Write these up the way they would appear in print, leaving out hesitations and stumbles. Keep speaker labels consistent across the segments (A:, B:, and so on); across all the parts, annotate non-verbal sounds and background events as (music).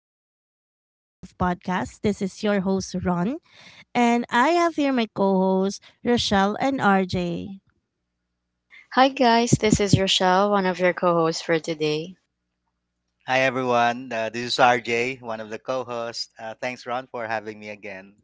A: to Unfiltered Growth Podcast. This is your host, Ron, and I have here my co hosts, Rochelle and RJ.
B: Hi guys, this is Rochelle, one of your co-hosts for today.
C: Hi, everyone. This is RJ, one of the co hosts. Thanks, Ron, for having me again.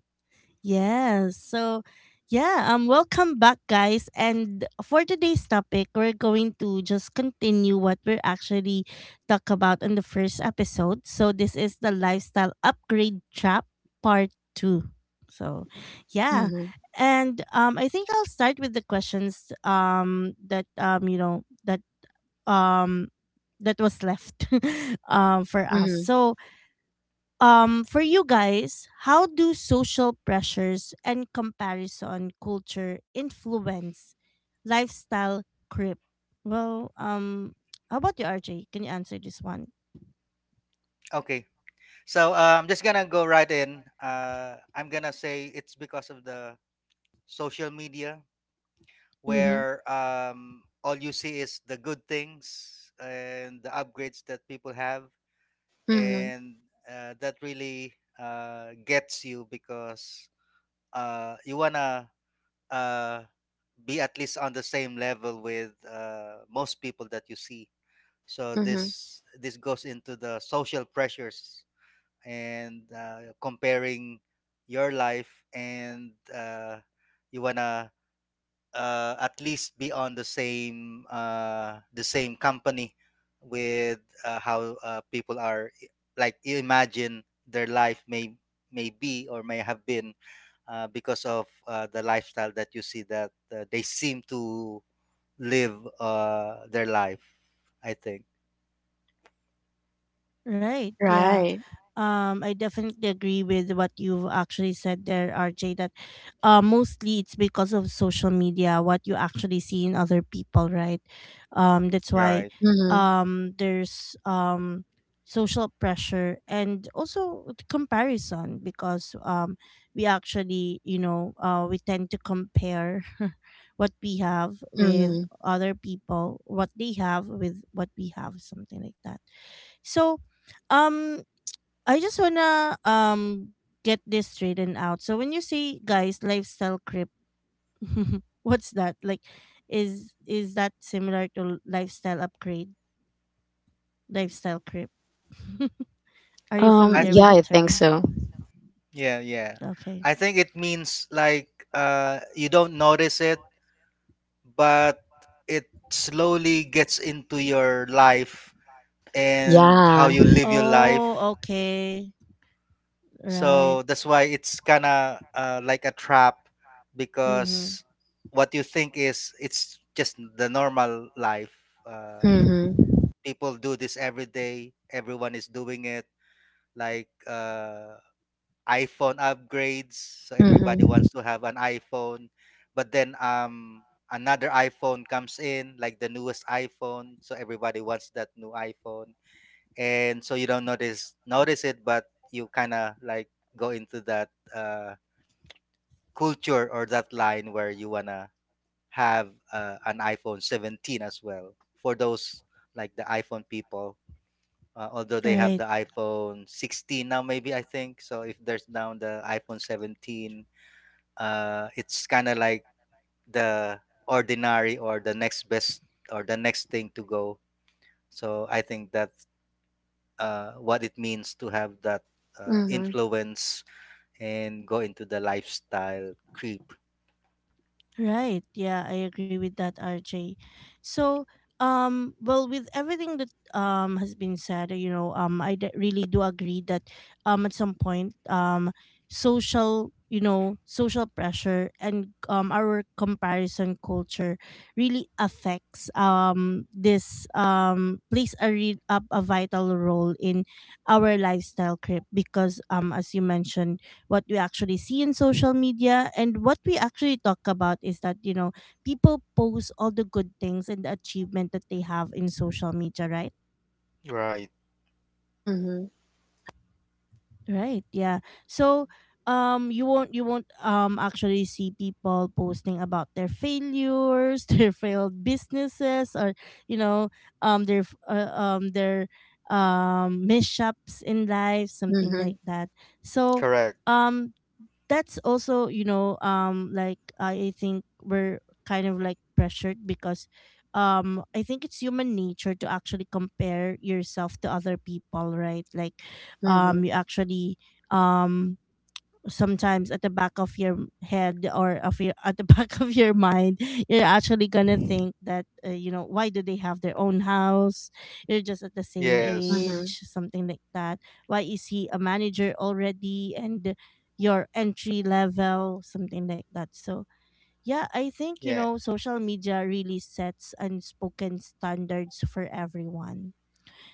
A: Yes. So, yeah, welcome back guys. And for today's topic, we're going to just continue what we're actually talk about in the first episode. So, this is the lifestyle upgrade trap part 2. So, yeah.
B: Mhm.
A: And I think I'll start with the questions that you know that um that was left (laughs) for us.
B: Mhm.
A: So, for you guys, how do social pressures and comparison culture influence lifestyle creep? Well, how about you, RJ, can you answer this one?
C: Okay, so I'm just gonna go right in. I'm gonna say it's because of the social media
A: Mm-hmm.
C: where all you see is the good things and the upgrades that people have,
B: Mhm.
C: and that really gets you because you wanna uh, be at least on the same level with most people that you see, so
B: Mhm.
C: this goes into the social pressures and comparing your life, and you wanna at least be on the same company with how people are, like you imagine their life may be or may have been because of the lifestyle that you see that they seem to live their life, I think.
A: Right. Yeah.
B: Right.
A: I definitely agree with what you've actually said there, RJ, that mostly it's because of social media, what you actually see in other people, right? That's why
C: Right.
B: Mhm.
A: there's social pressure and also the comparison because we actually, we tend to compare (laughs) what we have with
B: Mhm.
A: other people, what they have with what we have, something like that. So, um, I just wanna get this straightened out. So when you say guys lifestyle crip, (laughs) what's that? Like, is that similar to lifestyle upgrade, lifestyle crip? (laughs) Are you
B: Um
C: I
A: familiar with
B: yeah,
A: the
B: I think
A: term?
B: so.
C: Yeah, yeah.
A: Okay.
C: I think it means like you don't notice it, but it slowly gets into your life and how
B: Yeah.
C: you live your life.
A: Oh, okay. Right.
C: So that's why it's kind of like a trap
A: Mm-hmm.
C: because what you think is it's just the normal life. Uh
B: Mhm.
C: People do this every day. Everyone is doing it. Like iPhone upgrades, so everybody wants
B: Mhm.
C: to have an iPhone. But then another iPhone comes in, like the newest iPhone, so everybody wants that new iPhone. And so you don't notice it, but you kind of like go into that uh culture or that line where you want to have an iPhone 17 as well, for those like the iPhone people. Although they have
A: Right.
C: the iPhone 16 now, maybe I think so. If there's now the iPhone 17, it's kind of like the ordinary or the next best or the next thing to go. So I think that's what it means to have that
B: Mhm.
C: influence and go into the lifestyle creep.
A: Right. Yeah, I agree with that, RJ. So, with everything that has been said, you know, I really do agree that at some point social, you know, social pressure and our comparison culture really affects this plays a real a vital role in our lifestyle creep because as you mentioned, what we actually see in social media and what we actually talk about is that, you know, people post all the good things and the achievement that they have in social media, right?
C: Right.
B: Mhm.
A: Right, yeah. So you won't actually see people posting about their failures, (laughs) their failed businesses, or you know, their f- their mishaps in life, something
B: Mhm.
A: like that. So
C: Correct.
A: um that's also, you know, like I think we're kind of like pressured because I think it's human nature to actually compare yourself to other people, right? Like
B: Mhm.
A: you actually um sometimes at the back of your head, or of your at the back (laughs) of your mind, you're actually gonna think that, you know, why do they have their own house, you're just at the same
C: Yes.
B: Mhm.
A: age, something like that. Why is he a manager already and your entry level, something like that? So yeah, I think, you
C: Yeah.
A: know, social media really sets unspoken standards for everyone.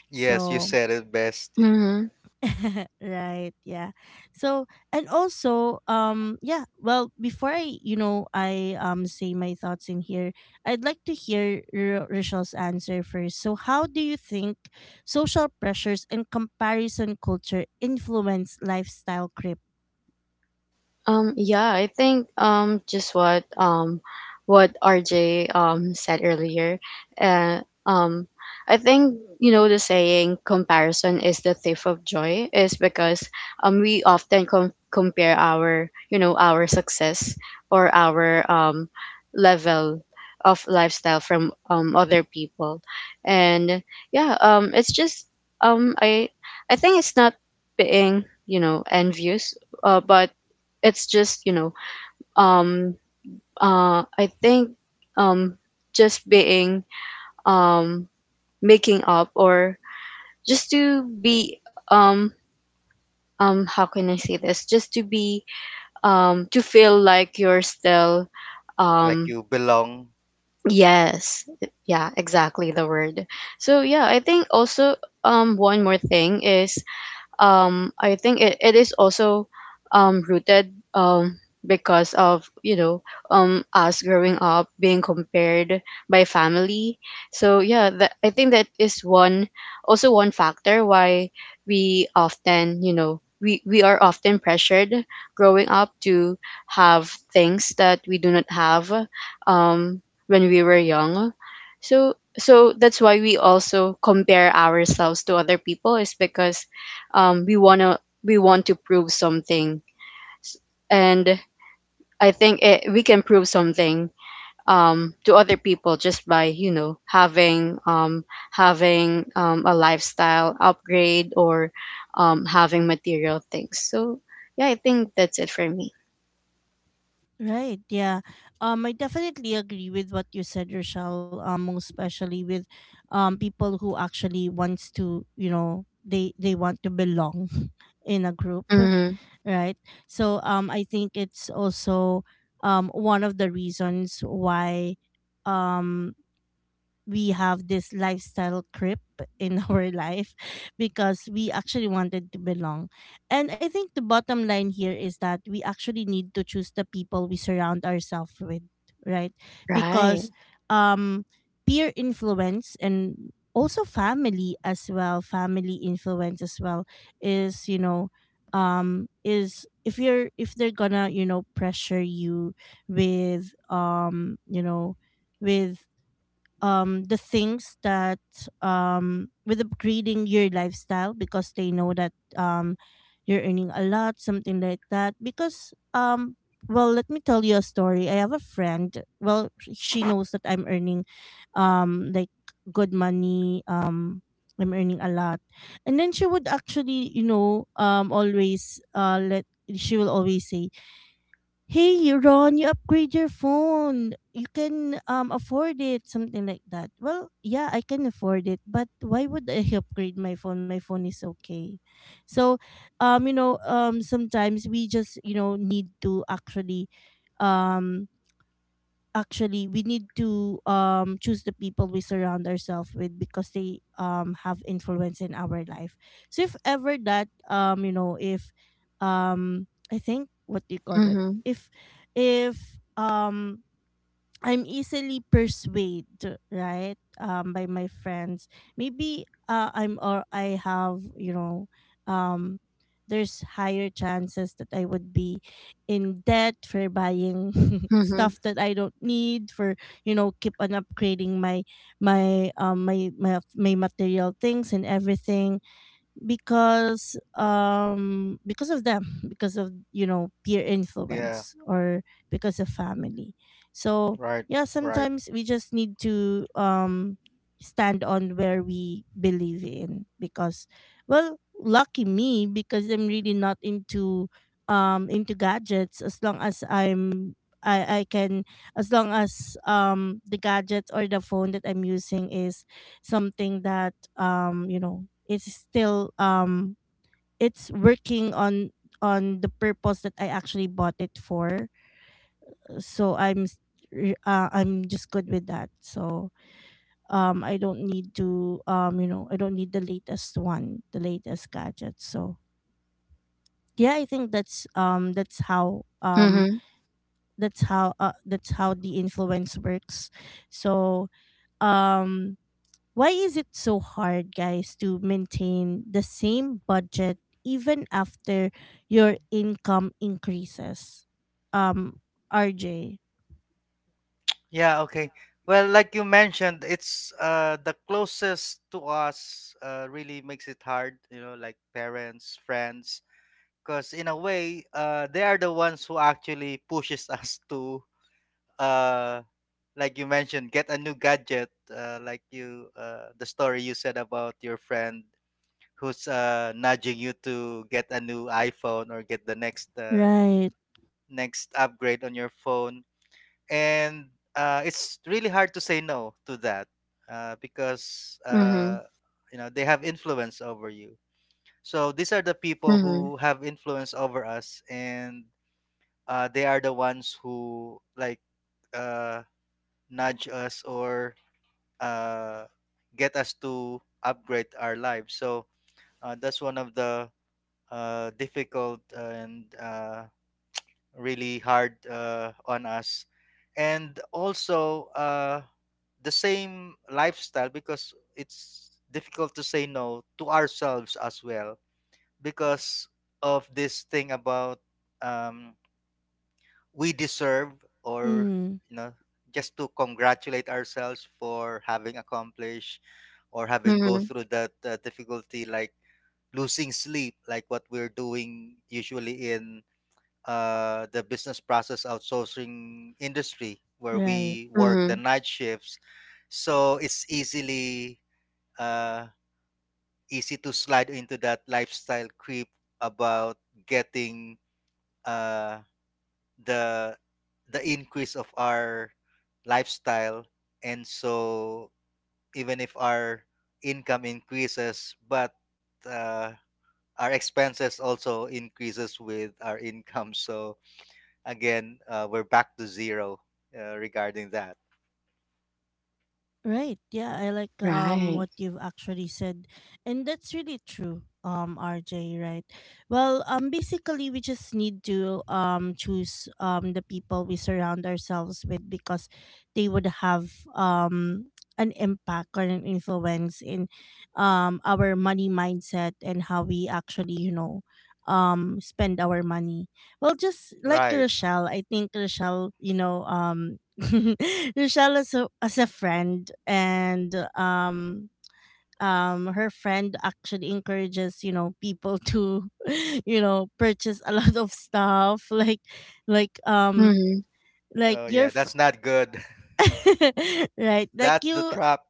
C: Yes, you
A: So
C: said it best.
B: Mhm.
A: (laughs) right, yeah. So, and also, before I you know I say my thoughts in here, I'd like to hear Rachel's answer first. So how do you think social pressures and comparison culture influence lifestyle creep?
B: Yeah, I think just what RJ said earlier. Uh, um I think the saying comparison is the thief of joy is because we often compare our you know our success or our level of lifestyle from other people. And yeah, it's just, um I I think it's not being, envious, but it's just, you know um I think um just being, um making up or just to be, um how can I say this, just to be, to feel like you're still
C: Like
B: um
C: you belong.
B: yes, yeah, exactly the word. So yeah, I think also, one more thing is, I think it is also, rooted, um because of you know us growing up being compared by family. So yeah, that, I think that is one, also one factor why we often, we are often pressured growing up to have things that we do not have, um, when we were young. So that's why we also compare ourselves to other people is because, um, we wanna we want to prove something. S- and I think it, we can prove something, to other people just by, having, a lifestyle upgrade or, having material things. So yeah, I think that's it for me.
A: Right, yeah. I definitely agree with what you said, Rachel, most especially with people who actually wants to, you know, they want to belong (laughs) in a group,
B: Mm-hmm.
A: right? So I think it's also one of the reasons why um, we have this lifestyle creep in (laughs) our life, because we actually wanted to belong. And I think the bottom line here is that we actually need to choose the people we surround ourselves with, right?
B: Right.
A: Because um peer influence and also family as well, family influence as well, is, you know, is if you're if they're gonna, you know, pressure you with you know, with the things that, with upgrading your lifestyle because they know that you're earning a lot, something like that. Because well, let me tell you a story. I have a friend, well, she knows that I'm earning like good money, I'm earning a lot, and then she would actually, you know, always let she will always say, "Hey, you, Ron, you upgrade your phone, you can afford it," something like that. Well, yeah, I can afford it, but why would I (laughs) upgrade my phone? My phone is okay. So sometimes we just, you know, need to actually um actually, we need to choose the people we surround ourselves with because they have influence in our life. So if ever that, you know, if um I think what do you call that
B: Mm-hmm.
A: if if I'm easily persuaded, right? By my friends. Maybe I have, you know, um, there's higher chances that I would be in debt for buying (laughs)
B: Mm-hmm.
A: stuff that I don't need, for, you know, keep on upgrading my my material things and everything because of them, (laughs) because of, you know, peer
C: Yeah.
A: influence or because of family. So
C: Right.
A: yeah,
C: Right.
A: sometimes we just need to stand on where we believe in. Because well, lucky me, because I'm really not into into gadgets. As long as I can, as long as the gadget or the phone that I'm using is something that, you know, it's still it's working on the purpose that I actually bought it for. So I'm just good with that. So I don't need to, you know, I don't need the latest one, the latest gadget. So yeah, I think that's
B: Mm-hmm.
A: that's how the influence works. So um why is it so hard, guys, to maintain the same budget even after your income increases? Um, RJ.
C: Yeah, okay. Well, like you mentioned, it's the closest to us really makes it hard, you know, like parents, friends, because in a way, they are the ones who actually pushes (laughs) us to uh like you mentioned, get a new gadget, like you the story you said about your friend who's nudging you to get a new iPhone or get the next
A: Right.
C: next upgrade on your phone. And it's really hard to say no to that, because
B: Mm-hmm.
C: you know they have influence over you. So these are the people
B: Mm-hmm.
C: who have influence over us, and they are the ones who like uh, nudge us or uh, get us to upgrade our lives. So that's one of the difficult and really hard on us. And also the same lifestyle, because it's difficult to say no to ourselves as well, because of this thing about, um, we deserve, or
A: Mm,
C: you know, just to congratulate ourselves for having accomplished or having go
B: Mm-hmm.
C: through that difficulty, like losing sleep, like what we're doing usually in the business process outsourcing industry where
A: right.
C: we work the
B: Mm-hmm.
C: night shifts. So it's easily uh, easy to slide into that lifestyle creep about getting uh, the the increase of our lifestyle, and so even if our income increases, but uh, our expenses also increases with our income. So again, we're back to zero regarding that.
A: Right. Yeah, I like
B: Right.
A: what you've actually said. And that's really true. Um, RJ, right? Well, basically we just need to choose the people we surround ourselves with because they would have an impact or an influence in our money mindset and how we actually, you know, spend our money. Well, just like
C: Right.
A: Rochelle, I think Rochelle, you know, (laughs) Rochelle is a, as a friend, and her friend actually encourages, you know, people to (laughs) you know, purchase a lot of stuff, like um,
B: Mm-hmm.
A: like
C: Oh,
A: your,
C: yeah,
A: fr-
C: that's not good. (laughs)
A: (laughs) right? Like
C: That's the
A: you,
C: trap.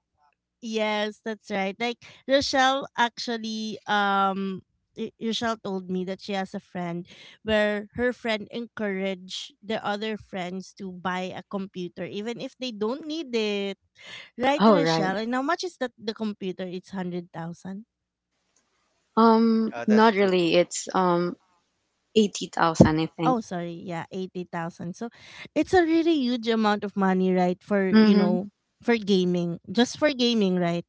A: yes, that's right. Rochelle actually Rochelle told me that she has a friend where her friend encouraged the other friends to buy a computer even if they don't need it. Right,
B: Oh, right.
A: Rochelle? And how much is that, the computer? It's 100,000.
C: That's
B: Not
C: too.
B: really. It's, 80,000, I think.
A: Oh, sorry. Yeah, 80,000. So it's a really huge amount of money, right? For, you
B: Mm-hmm.
A: know, for gaming. Just for gaming, right?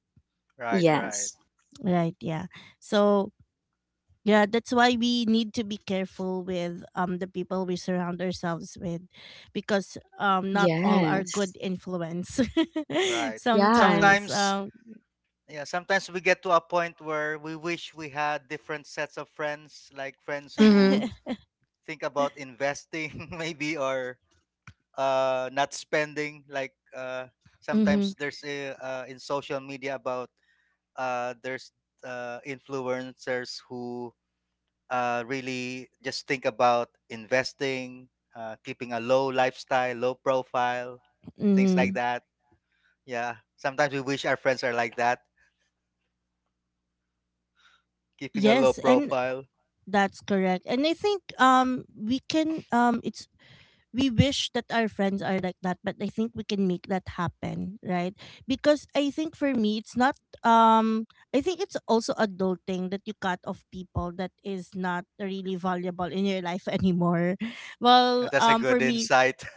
C: Right, right,
B: Yes.
A: Right, yeah. So, yeah, that's why we need to be careful with the people we surround ourselves with because not all are good
B: Yes.
A: influence. (laughs)
C: right.
B: Yeah.
A: Sometimes
C: Sometimes, yeah, sometimes we get to a point where we wish we had different sets of friends, like friends
B: Mm-hmm.
C: who
A: (laughs)
C: think about investing, (laughs) maybe, or not spending. Like
A: mm-hmm,
C: sometimes there's a, in social media about there's influencers who really just think about investing, keeping a low lifestyle, low profile, and things
A: mm-hmm.
C: like that. Yeah, sometimes we wish our friends are like that, keeping a low
A: Yes, and
C: profile.
A: that's correct. And I think we can it's we wish that our friends are like that, but I think we can make that happen, right? Because I think for me it's not um I think it's also adulting that you cut off people that is not really valuable in your life anymore. (laughs) Well,
C: That's a good
A: for me
C: insight. (laughs)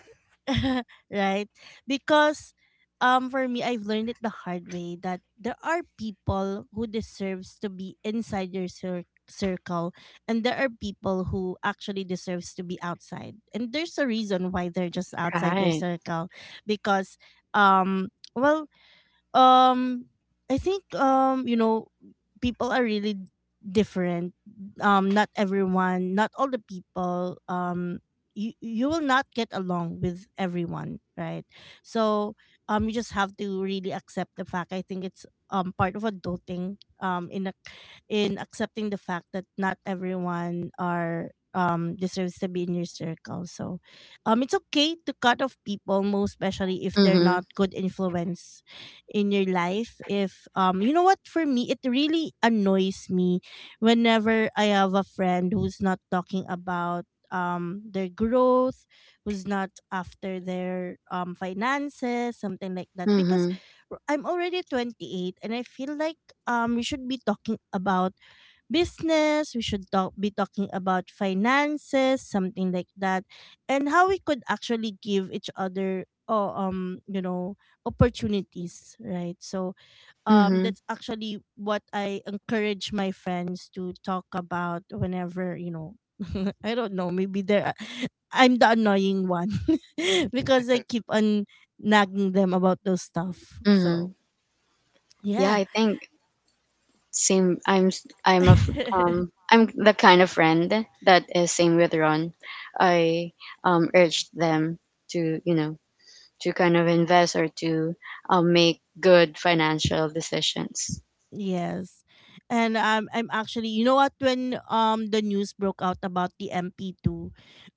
A: (laughs) right? Because for me, I've learned it the hard way that there are people who deserves to be inside your circle, and there are people who actually deserves to be outside. And there's a reason why they're just outside your
B: Right.
A: circle, because um well um I think, you know, people are really different. Not everyone, not all the people, you will not get along with everyone, right? So you just have to really accept the fact. I think it's part of adulting um in ac- in accepting the fact that not everyone are deserves to be in your circle. So it's okay to cut off people, most especially if they're
B: Mm-hmm.
A: not good influence in your life. If you know what, for me, it really annoys me whenever I have a friend who's not talking about their growth, who's not after their finances, something like that. Because
B: Mm-hmm.
A: I'm already 28, and I feel like we should be talking about business, we should talk be talking about finances, something like that, and how we could actually give each other, oh, you know, opportunities, right? So
B: Mm-hmm.
A: that's actually what I encourage my friends to talk about whenever, you know. (laughs) I don't know. Maybe they're I'm the annoying one, (laughs) because I keep on nagging them about those stuff. So
B: Mm-hmm. Yeah,
A: yeah.
B: I think same. I'm s- I'm a f-
A: (laughs)
B: I'm the kind of friend that is same with Ron. I, urged them to, to kind of invest or to, make good financial decisions.
A: Yes. And I'm actually, you know what, when the news broke out about the MP2,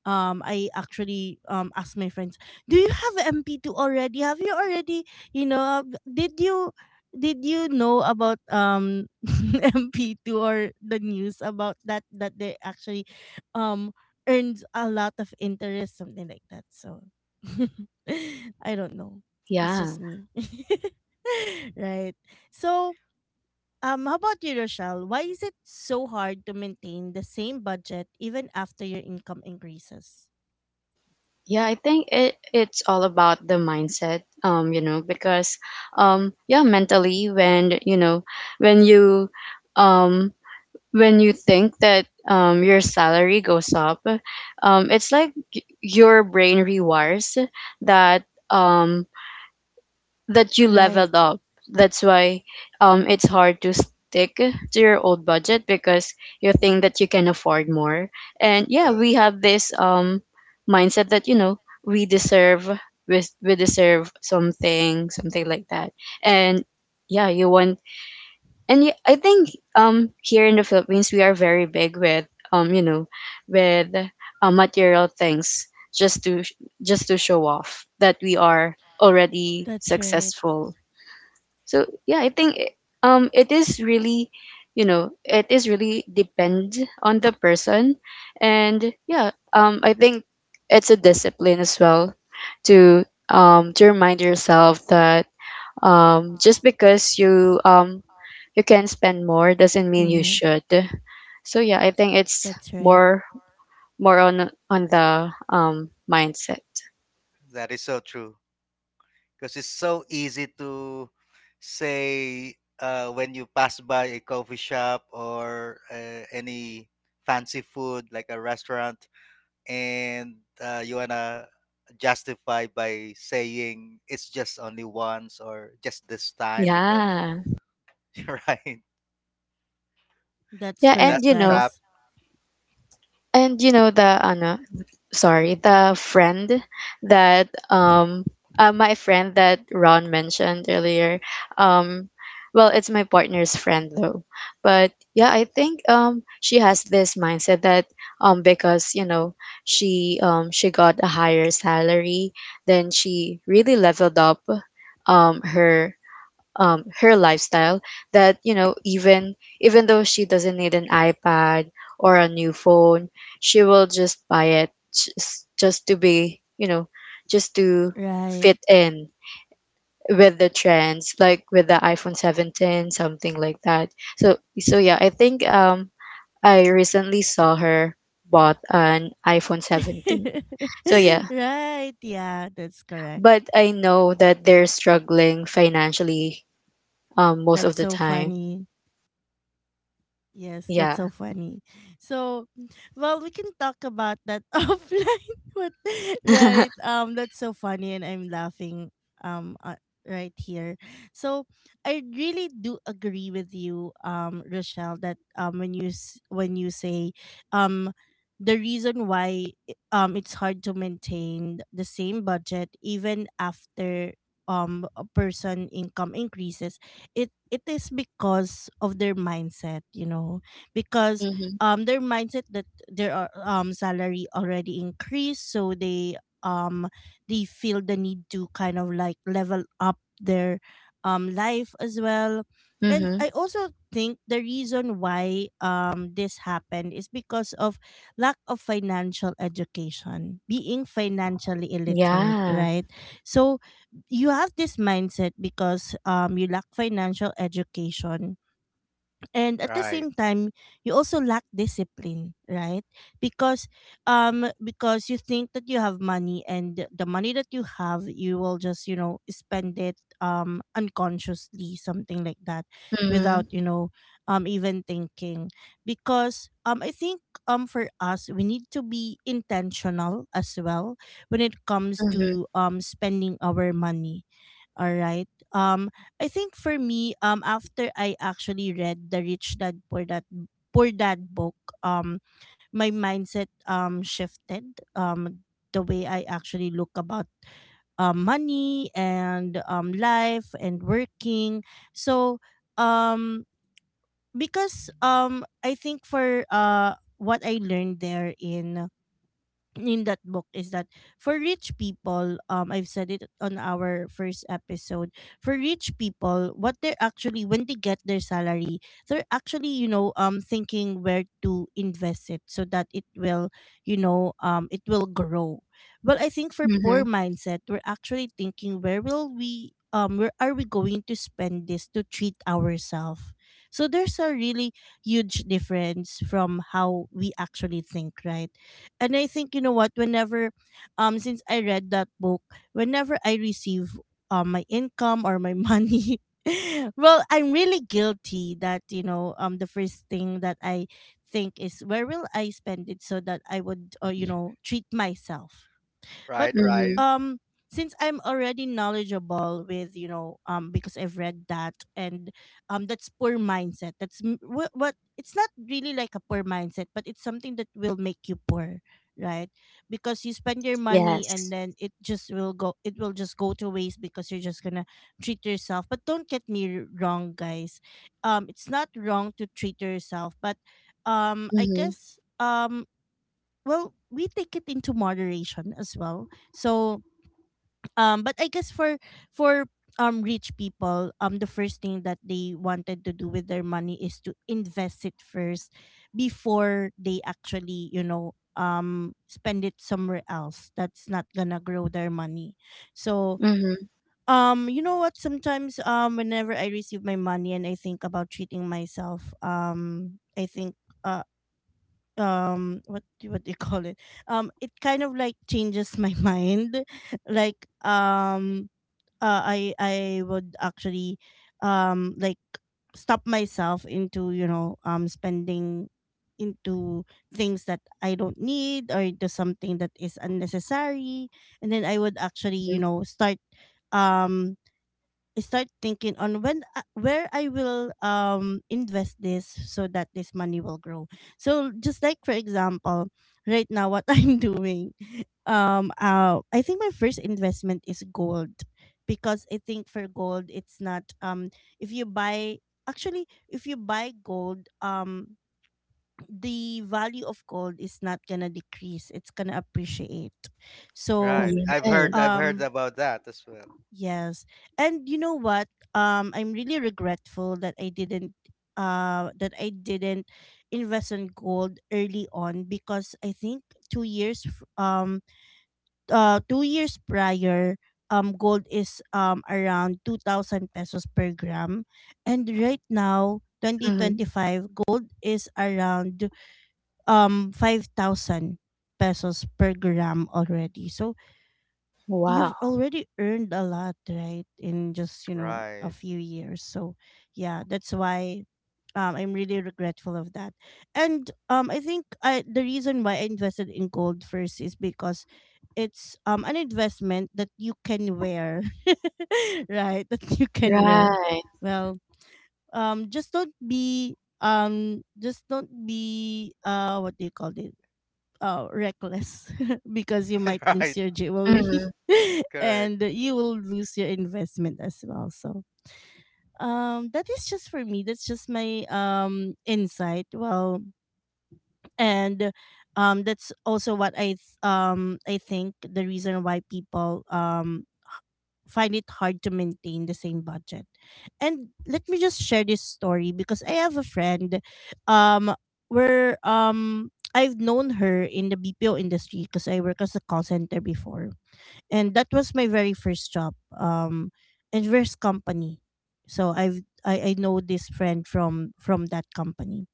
A: I actually asked my friends, "Do you have MP2 already? Have you already, you know, uh, did you did you know about (laughs) MP2 or the news about that they actually um earns a lot of interest, something like that." So (laughs) I don't know. It's
B: Yeah.
A: just me. (laughs) Right. So, how about you, Rochelle? Why is it so hard to maintain the same budget even after your income increases?
B: Yeah, I think it's all about the mindset. Because, yeah, mentally when, when you, um when you think that, your salary goes up, it's like your brain rewires that, um that you
A: Right.
B: leveled up. That's why, it's hard to stick to your old budget because you think that you can afford more. And yeah,
C: Uh,
B: we have this, mindset that, we deserve we deserve something, something like that. And yeah, you want, I think, here in the Philippines we are very big with, um you know with, material things just to, just to show off that we are already
A: That's right.
B: successful. So yeah, I think, it is really, it is really depend on the person. And yeah, I think it's a discipline as well to, to remind yourself that, just because you, you can spend more doesn't mean you
A: Mm-hmm.
B: should. So yeah, I think it's
A: That's right.
B: more more on the, mindset.
C: that is so true because it's so easy to say when you pass by a coffee shop or any fancy food like a restaurant and you wanna justify by saying it's just only once or just this time because
B: Yeah
C: (laughs) right,
A: That's
B: yeah. And,
C: that's
A: correct,
C: the trap.
A: guys.
B: the ano, sorry, the friend that, my friend that Ron mentioned earlier. Um well, it's my partner's friend though. But yeah, I think, she has this mindset that, because, you know, she, she got a higher salary, then she really leveled up, um her her lifestyle, that, even though she doesn't need an iPad or a new phone, she will just buy it, just to be, just to
A: Right.
B: fit in with the trends, like with the iPhone 17 something like that. So yeah, I think, I recently saw her bought an iPhone 17. So yeah,
A: (laughs) Right. Yeah, that's correct.
B: but I know that they're struggling financially, most of
A: That's
B: the
A: so
B: time.
A: funny. Yes, that's
B: Yeah.
A: so funny. So, well, we can talk about that (laughs) offline, but right,
B: (laughs)
A: that's so funny, and I'm laughing, um, uh, right here. So, I really do agree with you, Rochelle, that when you say, um, the reason why it's hard to maintain the same budget even after a person income increases, it is because of their mindset, because
B: Mhm.
A: their mindset that their salary already increased, so um they feel the need to kind of like level up their life as well. And
B: Mhm.
A: I also think the reason why this happened is because of lack of financial education, being financially illiterate,
B: Yeah.
A: right? So you have this mindset because you lack financial education, and at the
C: Right,
A: same time you also lack discipline, right? Because you think that you have money, and the money that you have, you will just spend it unconsciously, something like that, without
B: Mhm.
A: even thinking. Because I think for us we need to be intentional as well when it comes
B: Mhm.
A: to spending our money. All right. I think for me, after I actually read the Rich Dad Poor Dad book, um, my mindset shifted. Um, the way I actually look about money and life and working. So, um because I think for what I learned there in that book is that, for rich people, I've said it on our first episode, for rich people, what they're actually, when they get their salary, they're actually, thinking where to invest it so that it will, it will grow. Well, I think for poor
B: Mhm.
A: mindset we're actually thinking, where are we going to spend this to treat ourselves. So there's a really huge difference from how we actually think, right? And I think, you know what, whenever, since I read that book, whenever I receive my income or my money, (laughs) well, I'm really guilty that, the first thing that I think is, where will I spend it so that I would treat myself. But
C: right, right
B: Mhm.
A: um since I'm already knowledgeable with, because I've read that, and that's poor mindset. That's m- what It's not really like a poor mindset, but it's something that will make you poor, right? Because you spend your money and
B: Yes.
A: then it will just go to waste because you're just gonna treat yourself. But don't get me wrong, guys. It's not wrong to treat yourself, but I
B: Mhm.
A: guess, we take it into moderation as well. So, but I guess for for rich people, the first thing that they wanted to do with their money is to invest it first, before they actually, spend it somewhere else that's not gonna grow their money. So,
B: Mhm.
A: you know what, sometimes whenever I receive my money and I think about treating myself, I think, uh, what do you call it, it kind of like changes my (laughs) mind, like, I would actually, like, stop myself into, spending into things that I don't need or into something that is unnecessary. And then I would actually, you
B: Mhm.
A: know start um I start thinking on when, where I will invest this so that this money will grow. So just like for example, right now what (laughs) I'm doing, I think my first investment is gold, because I think for gold it's not, if you buy gold, the value of gold is not gonna decrease, it's gonna appreciate. So,
C: right. I've
B: Yes.
C: heard, I've heard
A: um
C: about that as well.
A: yes. And you know what? I'm really regretful that I didn't, uh that I didn't invest in gold early on, because I think 2 years f- um uh 2 years prior, gold is around 2000 pesos per gram, and
C: Hmm.
A: right now
B: Mhm.
A: 2025 gold is around 5000 pesos per gram already. So you've
B: Wow.
A: already earned a lot, right? In just a
C: Right.
A: few years. So yeah, that's why, I'm really regretful of that. And the reason why I invested in gold first is because it's, an investment that you can wear. (laughs) Right, that you can wear.
B: Right.
A: Well, um, just don't be just don't be, what do you call it, reckless, (laughs) because you
C: (laughs)
A: might lose
C: Right.
A: your jewelry
B: Mhm.
A: (laughs)
C: Correct.
A: and you will lose your investment as well. So, that is just, for me, that's just my insight. Well, and that's also what I think the reason why people find it hard to maintain the same budget. And let me just share this story because I have a friend, um where I've known her in the BPO industry because I work as a call center before. And that was my very first job, in first company. So I know this friend from that company,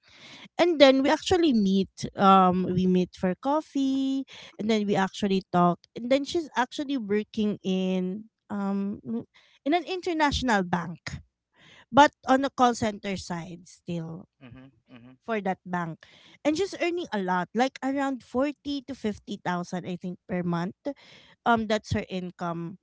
A: and then we meet for coffee, and then we actually talk, and then she's actually working in, in an international bank, but on the call center side still
C: Hmm. Hmm.
A: for that bank. And she's earning a lot, like around 40 to 50,000, I think, per month. That's her income.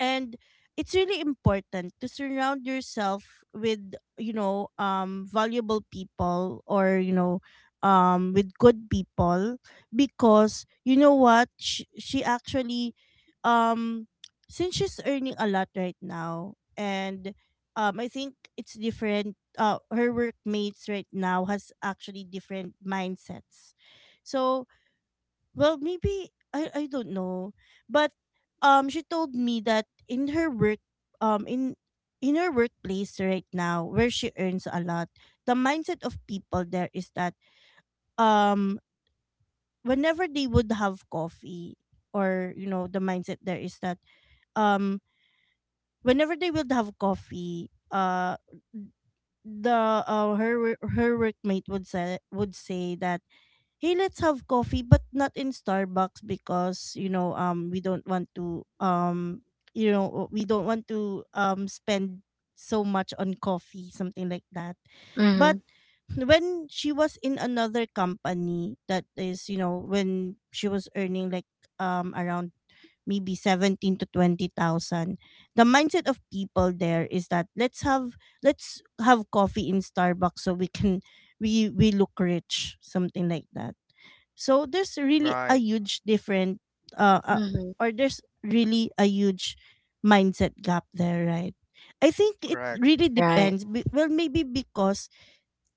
A: And it's really important to surround yourself with, valuable people, or, with good people, because you know what, she actually, um since she's earning a lot right now, and I think it's different, her workmates right now has actually different mindsets. So, well, maybe I don't know, but she told me that in her work, um, in in her workplace right now where she earns a lot, the mindset of people there is that, um, whenever they would have coffee, or, you know, the mindset there is that, um, whenever they would have coffee, the, her workmate would say that, "Hey, let's have coffee but not in Starbucks, because, you know, we don't want to you know, we don't want to spend so much on coffee," something like that. But
B: Mhm.
A: when she was in another company, that is, you know, when she was earning like, around maybe 17 to 20,000, the mindset of people there is that, let's have, coffee in Starbucks so we can, we look rich, something like that. So there's really a
C: Right.
A: huge different, uh, uh
B: Mhm.
A: or there's really a huge mindset gap there, right? I think it
C: Correct.
A: really
B: Right.
A: depends. Well, maybe because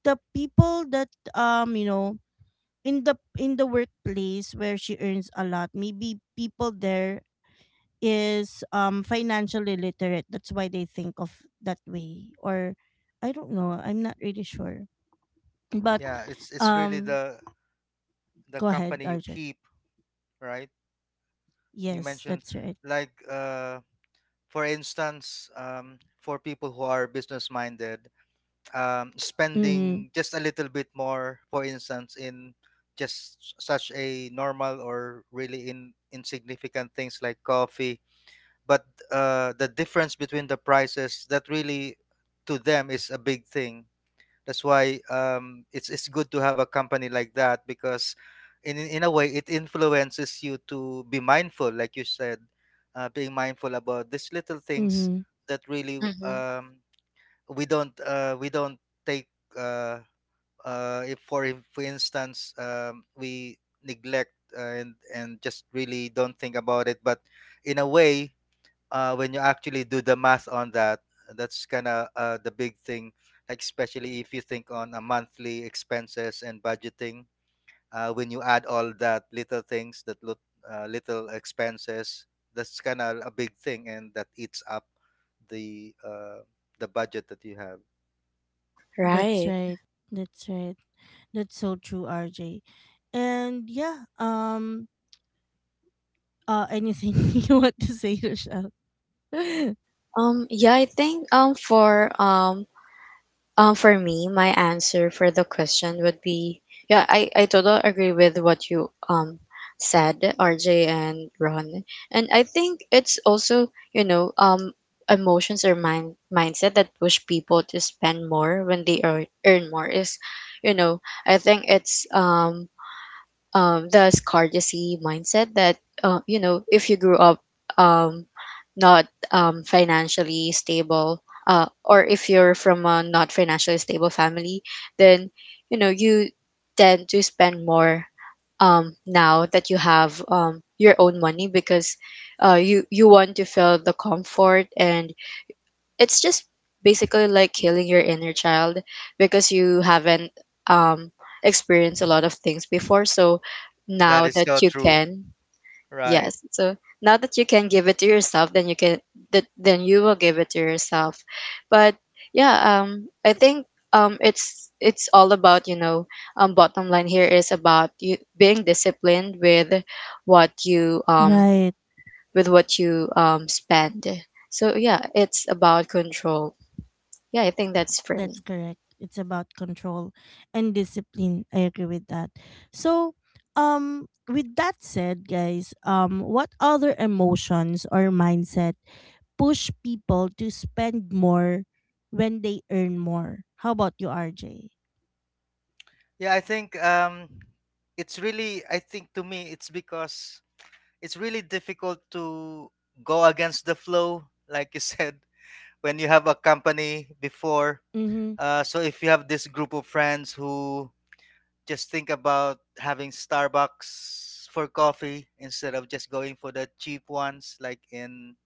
A: the people that, you know, in the workplace where she earns a lot, maybe people there is financially literate. That's why they think of that way. Or I don't know. I'm not really sure. But
C: Yeah, it's really
A: um
C: the
A: go ahead,
C: company you
A: RJ.
C: keep. Right, you
A: Yes,
C: mentioned
A: that's right.
C: like for instance, for people who are business minded,
A: Mm-hmm.
C: spending just a little bit more, for instance, in just such a normal or really in insignificant things like coffee. But the difference between the prices that really to them is a big thing. That's why it's good to have a company like that, because in a way it influences you to be mindful, like you said, being mindful about these little things
A: Mm-hmm.
C: that really
B: Mhm.
C: we don't take uh, if for instance we neglect and just really don't think about it, but in a way when you actually do the math on that, that's kind of the big thing, like especially if you think on a monthly expenses and budgeting, when you add all that little things that look little expenses, that's kind of a big thing, and that eats up the uh, the budget that you have.
A: That's
B: Right.
A: right. That's right. That's so true, RJ. And yeah, anything (laughs) you want to say, Rochelle? (laughs)
B: Yeah, I think for For me, my answer for the question would be, yeah, I totally agree with what you, said, RJ and Ron. And I think it's also, you know, emotions or mindset that push people to spend more when they earn more is, you know, I think it's, the scarcity mindset that, you know if you grew up, um, not, financially stable, or if you're from a not financially stable family, then, you tend to spend more, now that you have, your own money because, you want to feel the comfort, and it's just basically like healing your inner child because you haven't, um experienced a lot of things before, so
C: That
B: now
C: is
B: that
C: so
B: you
C: true.
B: can.
C: Right.
B: Yes, so now that you can give it to yourself, then you can, that then you will give it to yourself. But yeah, I think, it's all about, bottom line here is about you being disciplined with what you um
A: Right.
B: with what you spend. So yeah, it's about control. Yeah, I think that's for
A: That's
B: me.
A: correct. It's about control and discipline. I agree with that. So, with that said, guys, what other emotions or mindset push people to spend more when they earn more? How about you, RJ?
C: Yeah, I think it's really, I think to me it's because it's really difficult to go against the flow, like you said, when you have a company before.
A: Mm-hmm.
C: So if you have this group of friends who just think about having Starbucks for coffee instead of just going for the cheap ones like in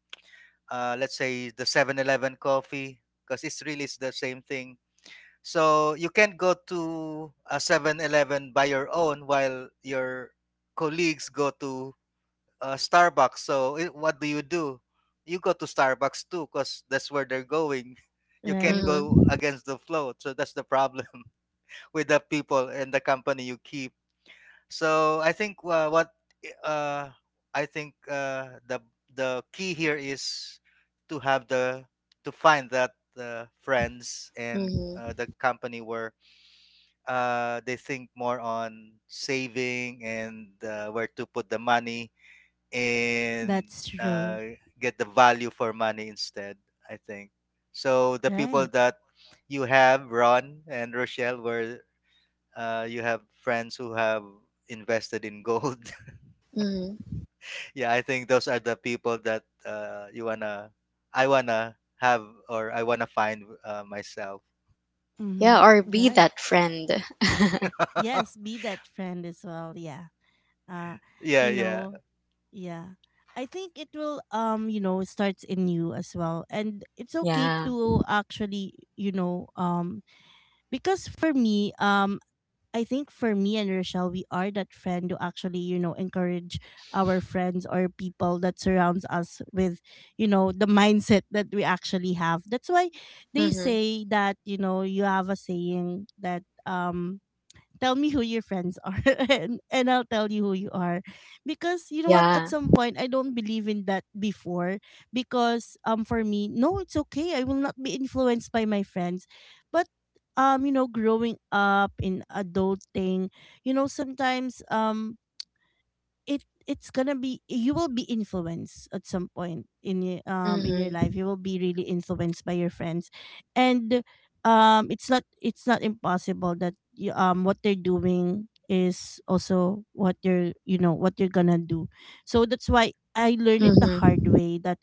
C: let's say the 7-Eleven coffee, because it's really is the same thing. So you can't go to a 7-Eleven by your own while your colleagues go to Starbucks. So what do? You go to Starbucks too because that's where they're going. (laughs) You can't
A: Right.
B: Mm-hmm.
C: go against the flow. So that's the problem. (laughs) With the people and the company you keep. So I think what uh, I think the key here is to have the to find that friends and
B: Mm-hmm.
C: the company where they think more on saving and where to put the money, and
A: That's true.
C: uh, get the value for money instead, I think. So the people
A: Right.
C: that you have, Ron and Rochelle, where you have friends who have invested in gold.
B: Mm-hmm.
C: (laughs) Yeah, I think those are the people that you wanna, I wanna have or I wanna find myself.
B: Yeah,
A: Mm-hmm.
B: or be
A: Right.
B: that friend. (laughs)
A: Yes,
C: (laughs)
A: be that friend as well. Yeah. Uh,
C: Yeah,
A: you
C: yeah,
A: know, yeah. I think it will, starts in you as well. And it's okay
B: Yeah.
A: to actually, because for me, I think for me and Rochelle, we are that friend who actually, you know, encourage our friends or people that surrounds us with, you know, the mindset that we actually have. That's why they
B: Mm-hmm.
A: say that, you know, you have a saying that, tell me who your friends are, (laughs) and I'll tell you who you are. Because you know what,
B: Yeah.
A: at some point I don't believe in that before, because, for me, no, it's okay. I will not be influenced by my friends. But you know, growing up in adulting, sometimes it's gonna be you will be influenced at some point in your
B: Mm-hmm.
A: life you will be really influenced by your friends and it's not impossible that what they're doing is also what you're you know what you're gonna do. So that's why I learned it the hard
B: Mm-hmm.
A: way that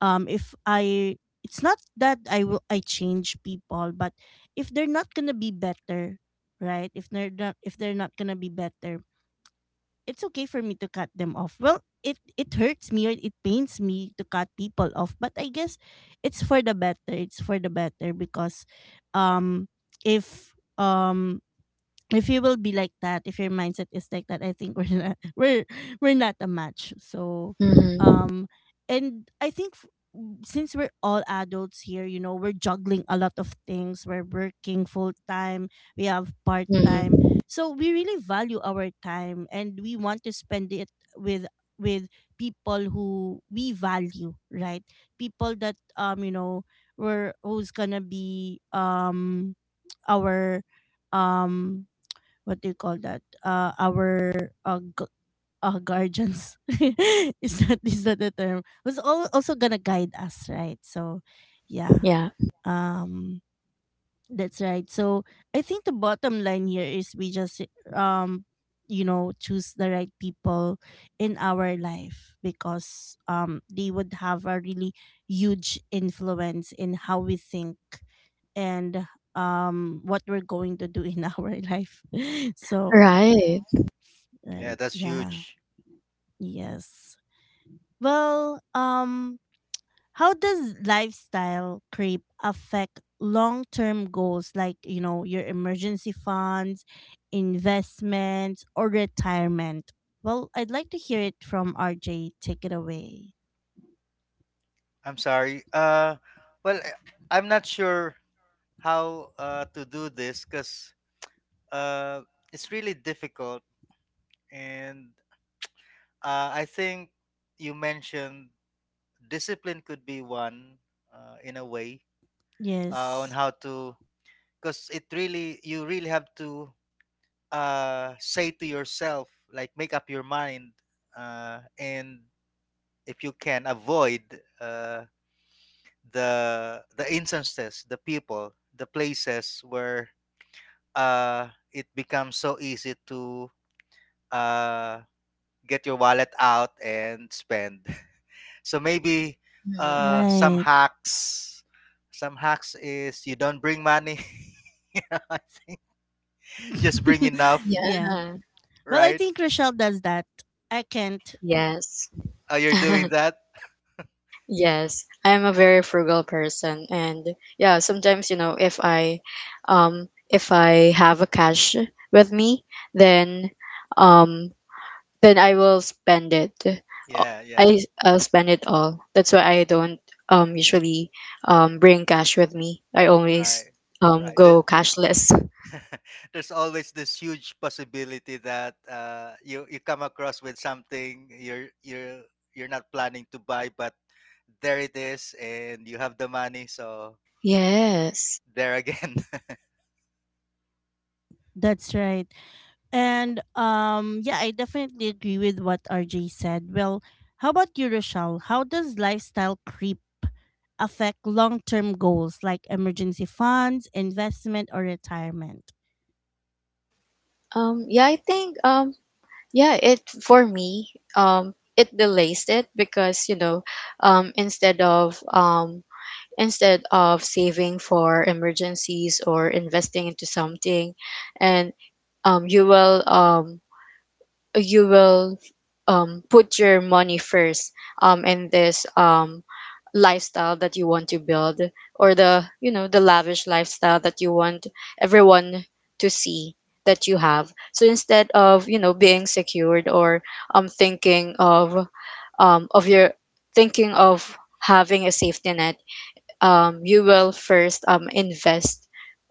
A: if I it's not that I change people, but if they're not gonna be better, right? If they're not gonna be better, it's okay for me to cut them off. Well, it hurts me or it pains me to cut people off, but I guess it's for the better. It's for the better, because um if um if you will be like that, if your mindset is like that, I think we're not (laughs) we're not a match.
B: Mm-hmm.
A: Um, and I think since we're all adults here, you know, we're juggling a lot of things. We're working full time. We have part time.
B: Mm-hmm.
A: So we really value our time, and we want to spend it with with people who we value, right? People that we're who's gonna be our um what do you call that? Our guardians (laughs) is that the term? Was also gonna guide us, right? So, yeah,
B: Yeah.
A: um, that's right. So I think the bottom line here is we just um, choose the right people in our life, because they would have a really huge influence in how we think, and what we're going to do in (laughs) our life. (laughs) So
B: Right.
C: yeah.
A: right.
C: That's
A: Yeah.
C: huge.
A: Yes. Well, how does lifestyle creep affect long-term goals like, you know, your emergency funds, investments, or retirement? Well, I'd like to hear it from RJ. Take it away.
C: I'm sorry. Well, I'm not sure how to do this because uh, it's really difficult. And I think you mentioned discipline could be one in a way on
A: Yes.
C: how to, because it really, you really have to say to yourself, like make up your mind. And if you can avoid uh, the instances, the people, the places where it becomes so easy to uh, get your wallet out and spend. (laughs) So maybe
B: Mm-hmm.
C: some
A: Right.
C: hacks. Some hacks is you don't bring money. (laughs) Just bring
A: (laughs)
C: enough,
A: Yeah.
B: Yeah.
A: Well, I
C: right?
A: think Rochelle does that. I can't.
B: Yes.
C: You're doing
B: (laughs)
C: that.
B: Yes. I'm a very frugal person, and yeah, sometimes, if I have a cash with me, then um then I will spend it. Uh,
C: Yeah, yeah,
B: I'll spend it all. That's why I don't, usually, bring cash with me. I always,
C: right, right.
B: go cashless. (laughs)
C: (laughs) There's always this huge possibility that you you come across with something you're you're not planning to buy, but there it is, and you have the money, so
B: Yes.
C: there again. (laughs)
A: That's right. And yeah, I definitely agree with what RJ said. Well, how about you, Rochelle? How does lifestyle creep affect long-term goals like emergency funds, investment, or retirement?
B: Yeah, I think, yeah, it for me, it delays it because, um instead of um instead of saving for emergencies or investing into something, and, um you will um you will, put your money first, in this, lifestyle that you want to build, or the, the lavish lifestyle that you want everyone to see that you have. So instead of, being secured, or, thinking of, of your thinking of having a safety net, you will first, invest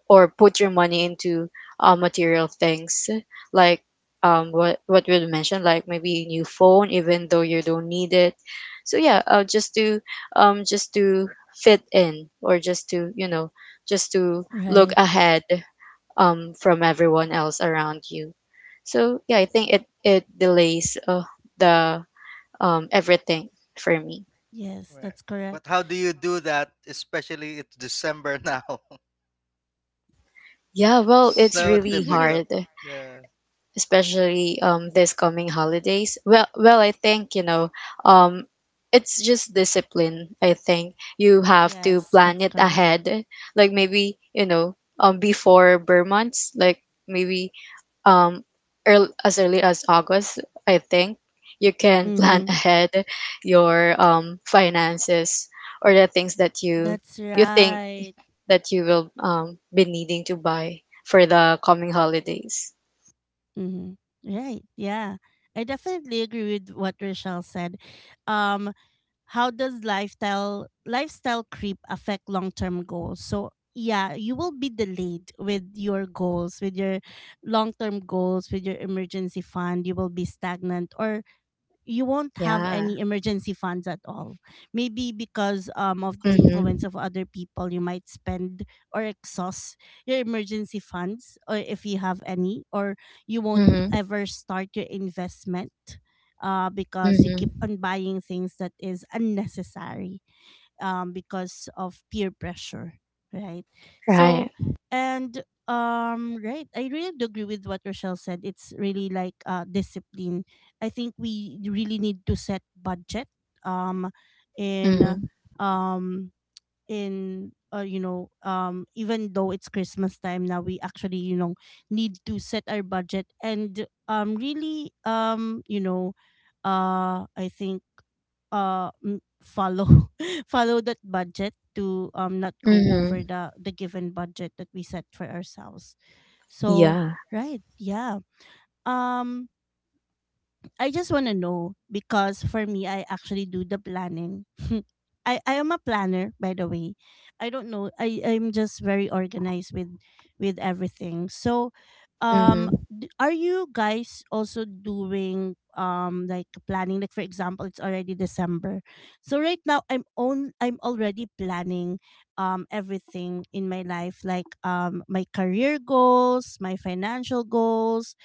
B: or put your money into, material things, like, what we mentioned, like maybe a new phone even though you don't need it. So yeah, just to, just to fit in, or just to, just to look
A: Right.
B: ahead, from everyone else around you. So yeah, I think it delays, the, everything for me.
A: Yes,
C: Right.
A: that's correct.
C: But how do you do that? Especially it's December now,
B: Yeah,
C: (laughs)
B: well, it's
C: so
B: really
A: (laughs)
C: difficult.
B: hard,
C: Yeah.
B: especially, this coming holidays. Well, I think, um it's just discipline. I think you have to
A: Yes,
B: plan
A: that's
B: it
A: correct.
B: ahead, like maybe, before burr months, like maybe, um earl as early as August, I think you can plan (laughs)
A: Mm-hmm.
B: ahead your, finances or the things that you
A: That's
B: you think
A: right.
B: that you will, be needing to buy for the coming holidays.
A: Mm-hmm. Right. Yeah. I definitely agree with what Rochelle said. Um, how does lifestyle creep affect long term goals? So yeah, you will be delayed with your goals, with your long term goals, with your emergency fund. You will be stagnant, or you won't have
B: Yeah.
A: any emergency funds at all. Maybe because of the influence
B: Mhm.
A: of other people, you might spend or exhaust your emergency funds, or if you have any, or you won't
B: Mhm.
A: ever start your investment, because you
B: Mhm.
A: keep on buying things that is unnecessary, because of peer pressure, right?
B: Right.
A: So, and right, I really do agree with what Rochelle said. It's really like discipline. I think we really need to set budget um, in
B: Mhm.
A: um in you know even though it's Christmas time now, we actually, you know, need to set our budget and really I think follow (laughs) follow that budget to not go
B: Mhm.
A: over the given budget that we set for ourselves. So
B: Yeah.
A: right. Yeah. um I just want to know, because for me, I actually do the planning. (laughs) I am a planner, by the way. I don't know. I'm just very organized with everything. So
B: Mhm.
A: are you guys also doing like planning? Like for example, it's already December. So right now I'm already planning everything in my life, like my career goals, my financial goals,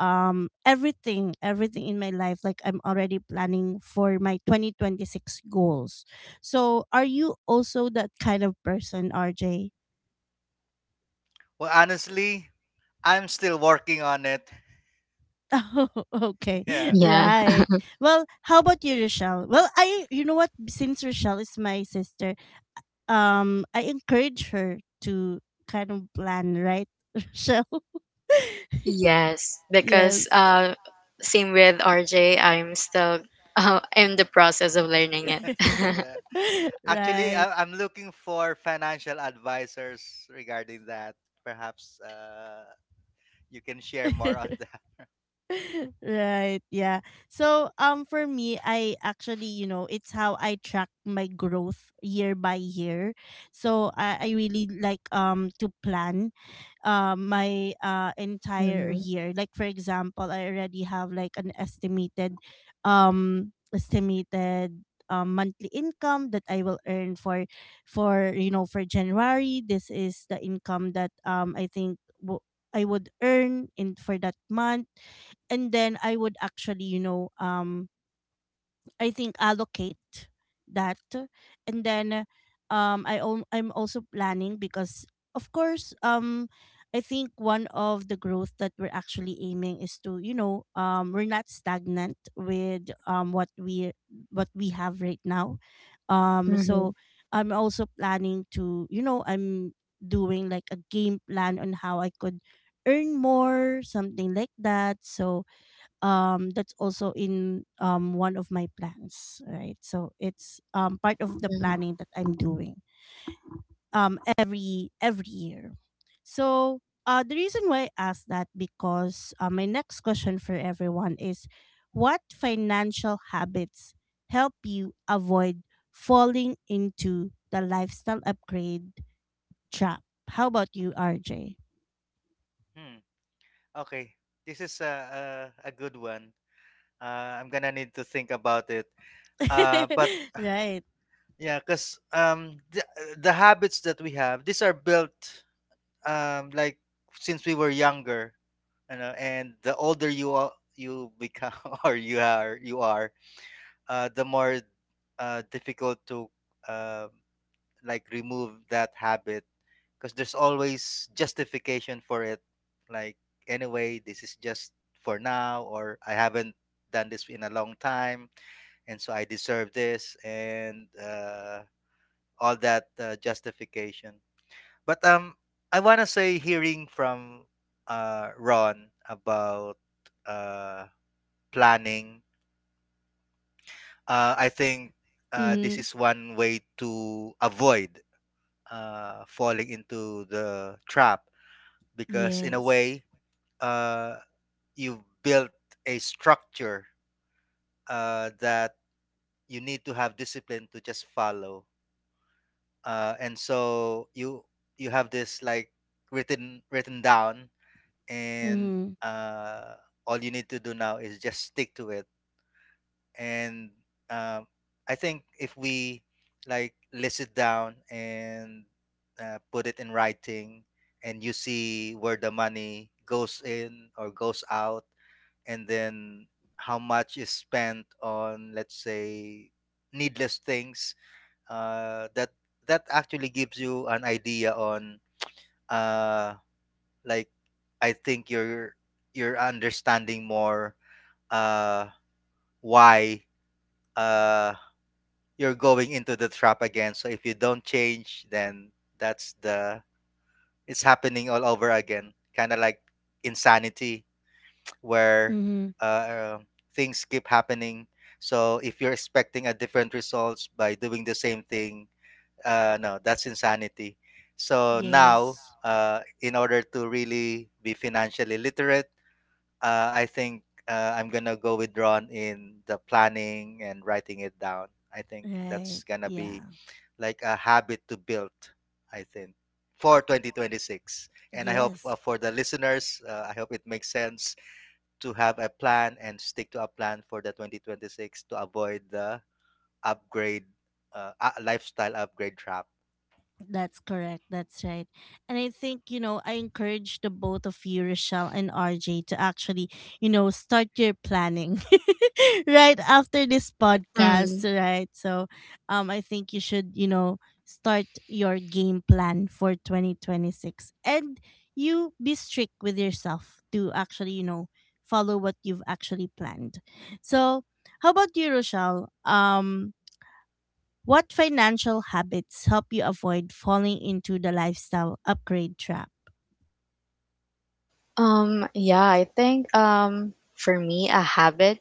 A: everything in my life. Like I'm already planning for my 2026 goals. So are you also that kind of person, RJ? (laughs)
C: Well, honestly, I'm still working on it.
A: Oh,
C: (laughs)
A: okay.
C: Yeah.
B: Yeah.
A: Right. Well, how about you, Rochelle? Well, I, you know what, since Rochelle is my sister, I encourage her to kind of plan, right? (laughs) Rochelle.
B: Yes,
A: (laughs)
B: because,
A: Yes.
B: same with RJ, I'm still (laughs) in the process of learning it. (laughs)
C: Yeah.
A: (laughs)
C: Actually,
A: Right.
C: I'm looking for financial advisors regarding that. Perhaps you can share more on (laughs)
A: (laughs)
C: that.
A: (laughs) Right. Yeah. So for me, I actually, you know, it's how I track my growth year by year. So I really like to plan my entire
B: Mhm.
A: year. Like for example, I already have like an estimated um estimated monthly income that I will earn for for January. This is the income that I would earn in for that month. And then I would actually, you know, I think allocate that. And then I'm also planning, because of course I think one of the growth that we're actually aiming is to, you know, we're not stagnant with what we have right now. So
B: Mhm.
A: I'm also planning to, you know, I'm doing like a game plan on how I could earn more, something like that. So that's also in one of my plans, right? So it's part of the
B: Mhm.
A: planning that I'm doing every year. So the reason why I asked that, because my next question for everyone is what financial habits help you avoid falling into the lifestyle upgrade trap. How about you, RJ?
C: Hmm. Okay. This is a good one. I'm gonna need to think about it. But
A: (laughs) Right.
C: yeah, cause the habits that we have, these are built like since we were younger, you know. And the older you are, you become (laughs) or you are the more difficult to um like remove that habit because there's always justification for it, like, anyway this is just for now, or I haven't done this in a long time and so I deserve this and all that justification. But I want to say, hearing from Ron about uh, planning, I think this
A: Mm-hmm.
C: is one way to avoid falling into the trap, because in a
A: Yes.
C: way, uh, you've built a structure that you need to have discipline to just follow. Uh, and so you have this, like, written down, and
A: Mm-hmm.
C: uh, all you need to do now is just stick to it. And um, I think if we, like, list it down and put it in writing, and you see where the money goes in or goes out, and then how much is spent on, let's say, needless things, that that actually gives you an idea on, uh, like, I think you're understanding more uh, why. Uh, you're going into the trap again. So if you don't change, then that's the — it's happening all over again. Kind of like insanity, (tsk) where
A: Mm-hmm.
C: uh, uh, things keep happening. So if you're expecting a different results by doing the same thing, no, that's insanity. So
A: Yes.
C: now, in order to really be financially literate, I think I'm gonna go with Ron in the planning and writing it down. I think
A: Right.
C: that's gonna
A: Yeah.
C: be like a habit to build, I think, for 2026. And I hope
A: Yes.
C: for the listeners, I hope it makes sense to have a plan and stick to a plan for the 2026 to avoid the upgrade, lifestyle upgrade trap.
A: That's correct. That's right. And I think, you know, I encourage the both of you, Rochelle and RJ, to actually, you know, start your planning (laughs) right after this
B: Mhm.
A: podcast, right? So I think you should, you know, start your game plan for 2026. And you be strict with yourself to actually, you know, follow what you've actually planned. So how about you, Rochelle? What financial habits help you avoid falling into the lifestyle upgrade trap?
B: Yeah, I think, for me, a habit.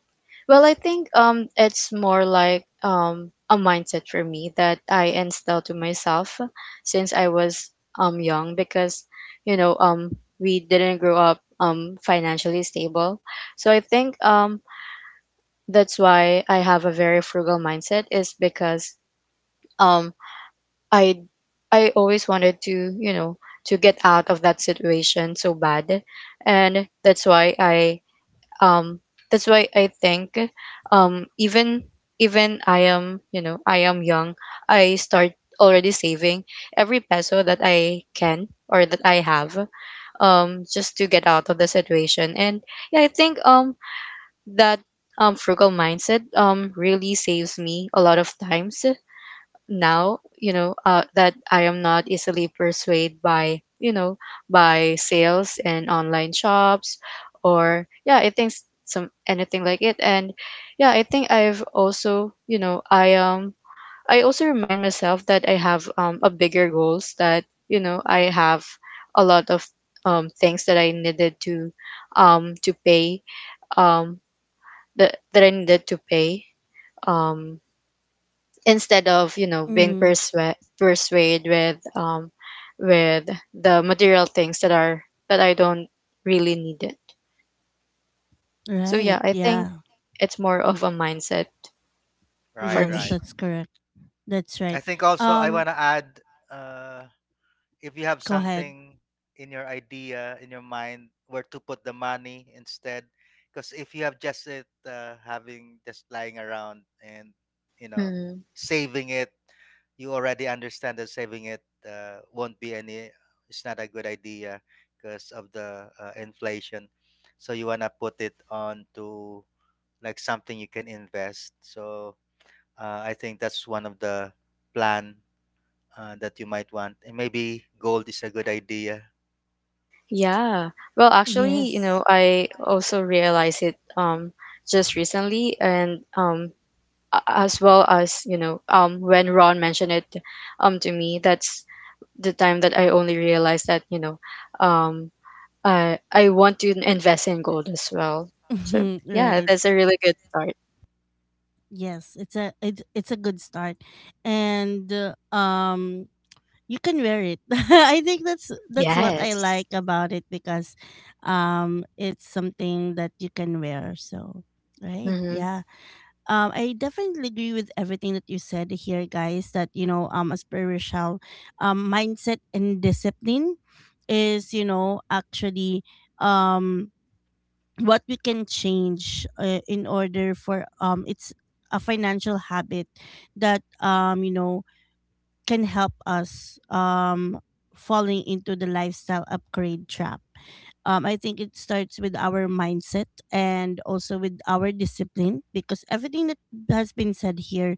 B: Well, I think, it's more like, a mindset for me that I instilled to myself since I was, young because, you know um we didn't grow up, financially stable. So I think, that's why I have a very frugal mindset is because, um I I always wanted to, you know, to get out of that situation so bad. And that's why I um that's why i think, um even even, I am young, I start already saving every peso that I can or that I have, just to get out of the situation. And yeah, I think, that, frugal mindset, really saves me a lot of times now, that I am not easily persuaded by, by sales and online shops, or yeah, I think, some, anything like it. And yeah, I think I also remind myself that I have, a bigger goals that, I have a lot of, things that I needed to, to pay, um that I needed to pay, um instead of, being
A: Mm-hmm.
B: persuade with, with the material things that are, that I don't really need it. So yeah,
A: Right.
B: I think
A: Yeah.
B: it's more of a mindset for
C: Right,
A: Yes,
B: me.
C: right.
B: (laughs)
A: that's correct. That's
C: I
A: right.
C: think also I
A: Um,
C: want to add, uh, if you have
A: Go ahead.
C: something in your idea, in your mind, where to put the money instead, because if you have just it having just lying around and, you know,
B: Mm.
C: saving it — you already understand that saving it won't be any — it's not a good idea because of the inflation. So you want to put it on to like something you can invest. So I think that's one of the plan that you might want. And maybe gold is a good idea.
B: Yeah. Well, actually, you
A: Yes.
B: know, I also realized it, just recently. And, as well as, you know, when Ron mentioned it, to me, that's the time that I only realized that, you know, um I want to invest in gold as well. So
A: (laughs)
B: yeah,
A: Right.
B: that's a really good start.
A: Yes, it's a it's a good start, and you can wear it. (laughs) I think that's what I
B: Yes.
A: like about it, because, it's something that you can wear. So, right,
B: Mm-hmm.
A: yeah. I definitely agree with everything that you said here, guys. That, you know, as per Rochelle, mindset and discipline is, you know, actually um what we can change, in order for it's a financial habit that, can help us falling into the lifestyle upgrade trap. I think it starts with our mindset, and also with our discipline, because everything that has been said here,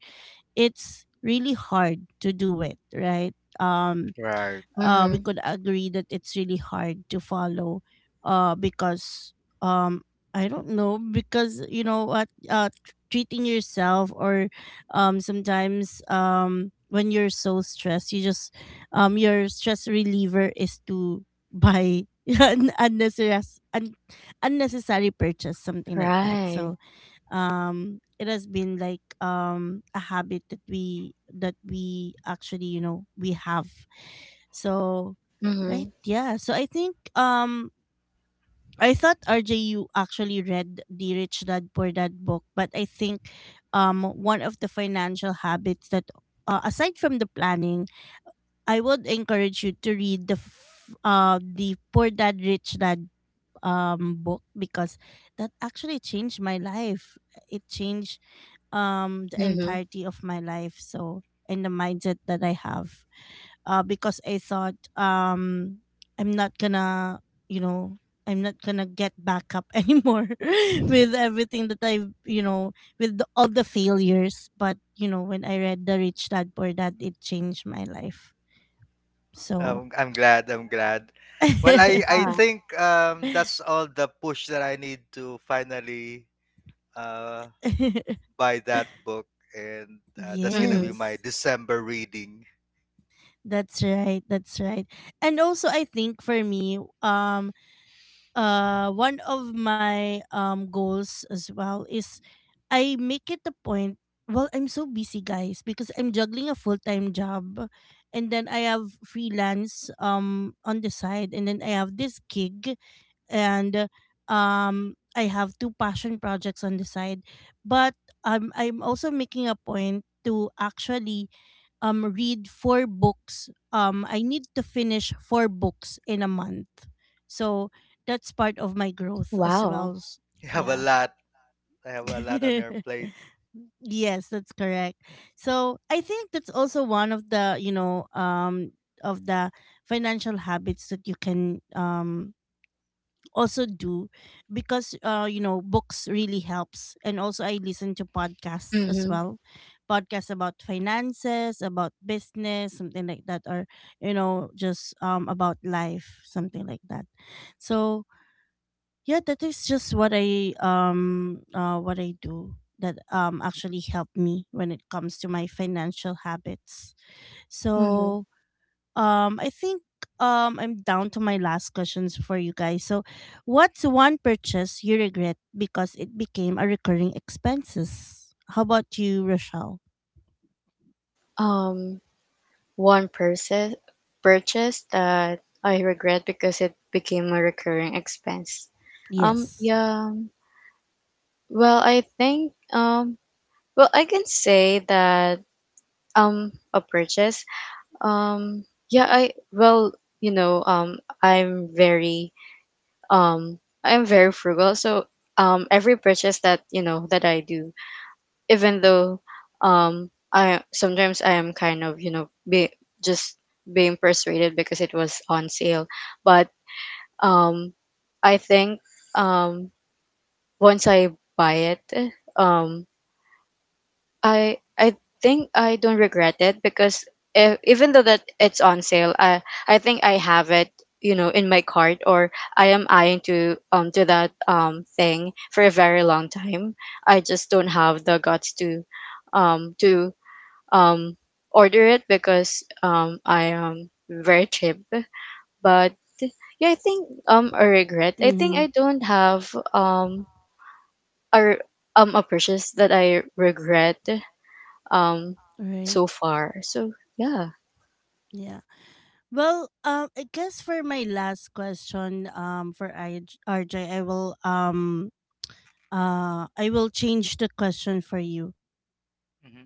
A: it's really hard to do it, right? Um,
C: Right.
A: we
B: Mm-hmm.
A: could agree that it's really hard to follow, because um, I don't know, because you know what, treating yourself, or sometimes when you're so stressed, you just your stress reliever is to buy (laughs) an unnecessary un- unnecessary purchase, something like that.
B: Right.
A: So it has been like a habit that we actually, you know, we have. So
B: Mm-hmm.
A: right. Yeah. So I think I thought, RJ, you actually read the Rich Dad Poor Dad book, but I think one of the financial habits that, aside from the planning, I would encourage you to read the the Poor Dad Rich Dad book, because that actually changed my life. It changed the
B: Mm-hmm.
A: entirety of my life, so and the mindset that I have. Because I thought I'm not gonna, you know, I'm not gonna get back up (laughs) anymore with everything that I've, you know, with all the failures. But you know, when I read The Rich Dad Poor Dad, it changed my life. So, (laughs)
C: I'm glad. I'm glad. Well, I
B: Wow.
C: think that's
A: (laughs)
C: all the push that I need to finally uh, buy that book. And that's going to be
B: Mm-hmm.
C: my
A: yes.
C: December reading. (laughs)
A: That's right. That's right. And also, I think for me, one of my goals as well is I make it a point. Well, I'm so busy, guys, because I'm juggling a full-time job, and then I have freelance on the side, and then I have this gig, and I have 2 passion projects on the side. But I'm also making a point to actually read 4 books. I need to finish 4 books in a month. So that's part of my growth as
B: Wow.
A: well.
C: You have a
A: Yeah.
C: lot. I have a lot on your
A: (laughs)
C: plate.
A: Yes, that's correct. So I think that's also one of the, you know, of the financial habits that you can also do, because you know, books really helps. And also I listen to podcasts as
B: Mm-hmm.
A: well, podcasts about finances, about business, something like that, or you know, just about life, something like that. So yeah, that is just what I what I do, that actually help me when it comes to my financial habits.
B: Mm-hmm.
A: So I think I'm down to my last questions for you guys. So, what's one purchase you regret because it became a recurring expenses? How about you, Rochelle?
B: Um, One purchase that I regret because it became a recurring expense.
A: Yes.
B: Yeah. Well, I think, well, I can say that, a purchase. Um, yeah, I, well, you know, um, I'm very frugal. So, every purchase that, that I do, even though, I am kind of, you know be just being persuaded because it was on sale, but, um, I think, um, once I buy it, um, I think I don't regret it because, even though that it's on sale, I think I have it, you know, in my cart, or I am eyeing to, that, thing for a very long time. I just don't have the guts to, um to um order it because, I am very cheap. But yeah, I think, a regret. I think
A: Mm-hmm.
B: I don't have, um a re- a purchase that I regret, um
A: Right.
B: so far. So yeah.
A: Yeah. Well, I guess for my last question, for I RJ, I will change the question for you.
C: Hmm.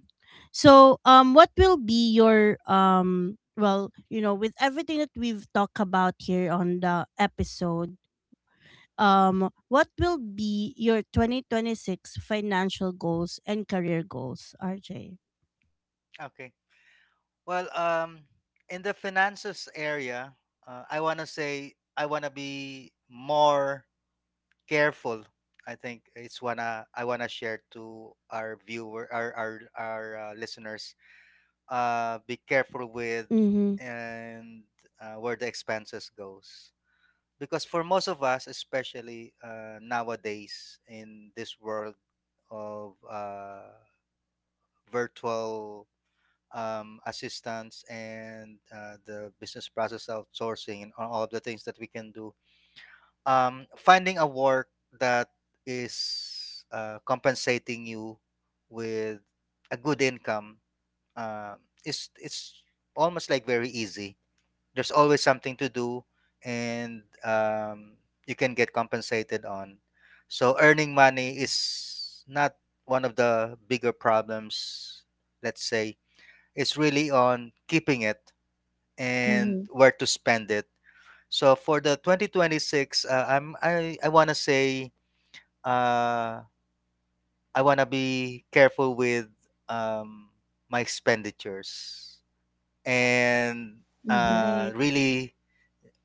A: So, what will be your with everything that we've talked about here on the episode, what will be your 2026 financial goals and career goals, RJ?
C: Okay. Well, in the finances area, I want to say I want to be more careful. I think it's wanna I wanna share to our viewer our listeners: be careful with —
A: Mm-hmm.
C: and where the expenses goes, because for most of us, especially nowadays, in this world of virtual assistance and the business process outsourcing and all of the things that we can do, finding a work that is compensating you with a good income uh, is — it's almost like very easy. There's always something to do, and you can get compensated on. So earning money is not one of the bigger problems. Let's say it's really on keeping it and
B: Mm-hmm.
C: where to spend it. So for the 2026, I want to say uh I want to be careful with um my expenditures, and
B: Mm-hmm.
A: Right.
C: really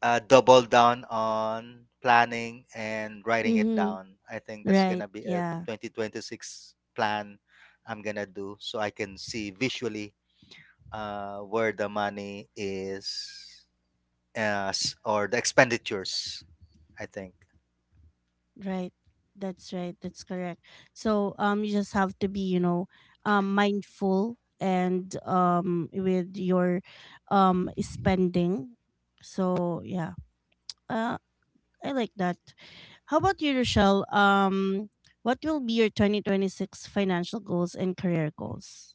C: double down on planning and writing it
A: Mm-hmm.
C: down. I think that's going
A: Right.
C: to be a
A: Yeah.
C: 2026 plan I'm going to do, so I can see visually where the money is, or the expenditures, I think.
A: Right. That's right. That's correct. So you just have to be, you know, mindful, and with your spending. So yeah. Uh I like that. How about you, Rochelle? What will be your 2026 financial goals and career goals?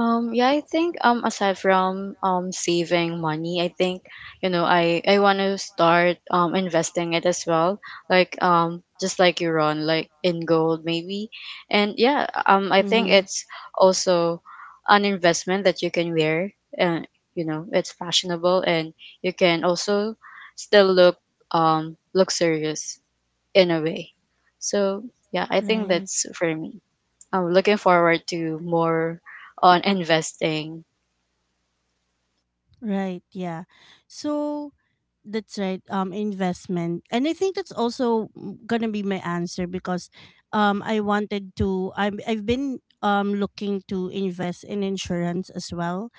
B: Yeah, I think, aside from, saving money, I think, I want to start, investing it as well. Like, just like you run, like in gold maybe. And yeah, I think
A: Mhm.
B: it's also an investment that you can wear, and you know it's fashionable, and you can also still look, look serious in a way. So yeah, I think
A: Right.
B: that's for me. I'm looking forward to more on investing.
A: Right, yeah. So that's right, investment. And I think that's also, gonna be my answer, because I've been looking to invest in insurance as well.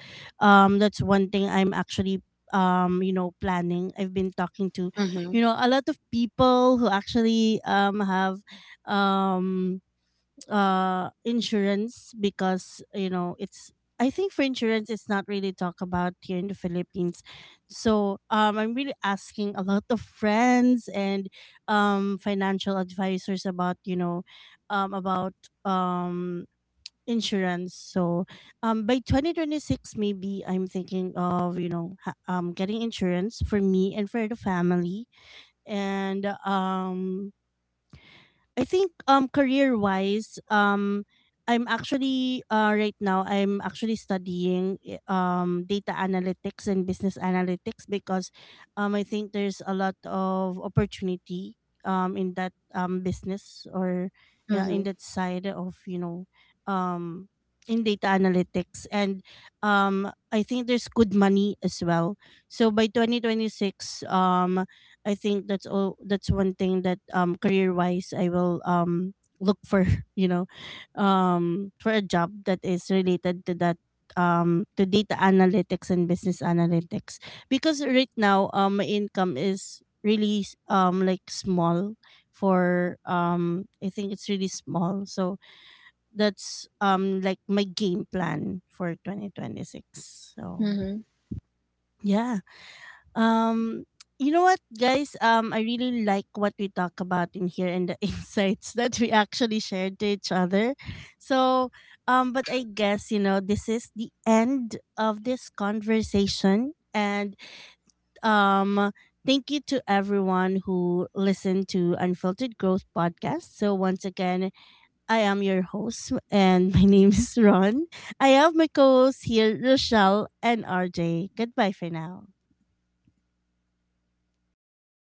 A: That's one thing I'm actually planning. I've been talking to,
B: Mm-hmm.
A: you know, a lot of people who actually have um insurance, because you know, it's I think for insurance, it's not really talked about here in the Philippines. So I'm really asking a lot of friends and financial advisors about, you know, about um insurance. So by 2026, maybe I'm thinking of, you know, getting insurance for me and for the family. And I think, career wise, I'm actually, right now, I'm actually studying data analytics and business analytics, because I think there's a lot of opportunity in that business, or yeah, in that side of, you know, um in data analytics. And I think there's good money as well. So by 2026, I think that's all that's one thing that, career wise, I will look for, (laughs) you know, for a job that is related to that, to data analytics and business analytics, because right now my income is really like small for, I think it's really small. So that's like my game plan for 2026. So
B: Mm-hmm.
A: yeah. Um, you know what, guys? I really like what we talk about in here, and the (laughs) insights that we actually shared to each other. So, but I guess you know this is the end of this conversation. And um, thank you to everyone who listened to Unfiltered Growth podcast. So once again, I am your host, and (laughs) my name is Ron. I have my co-hosts here, Rochelle and RJ. Goodbye for now.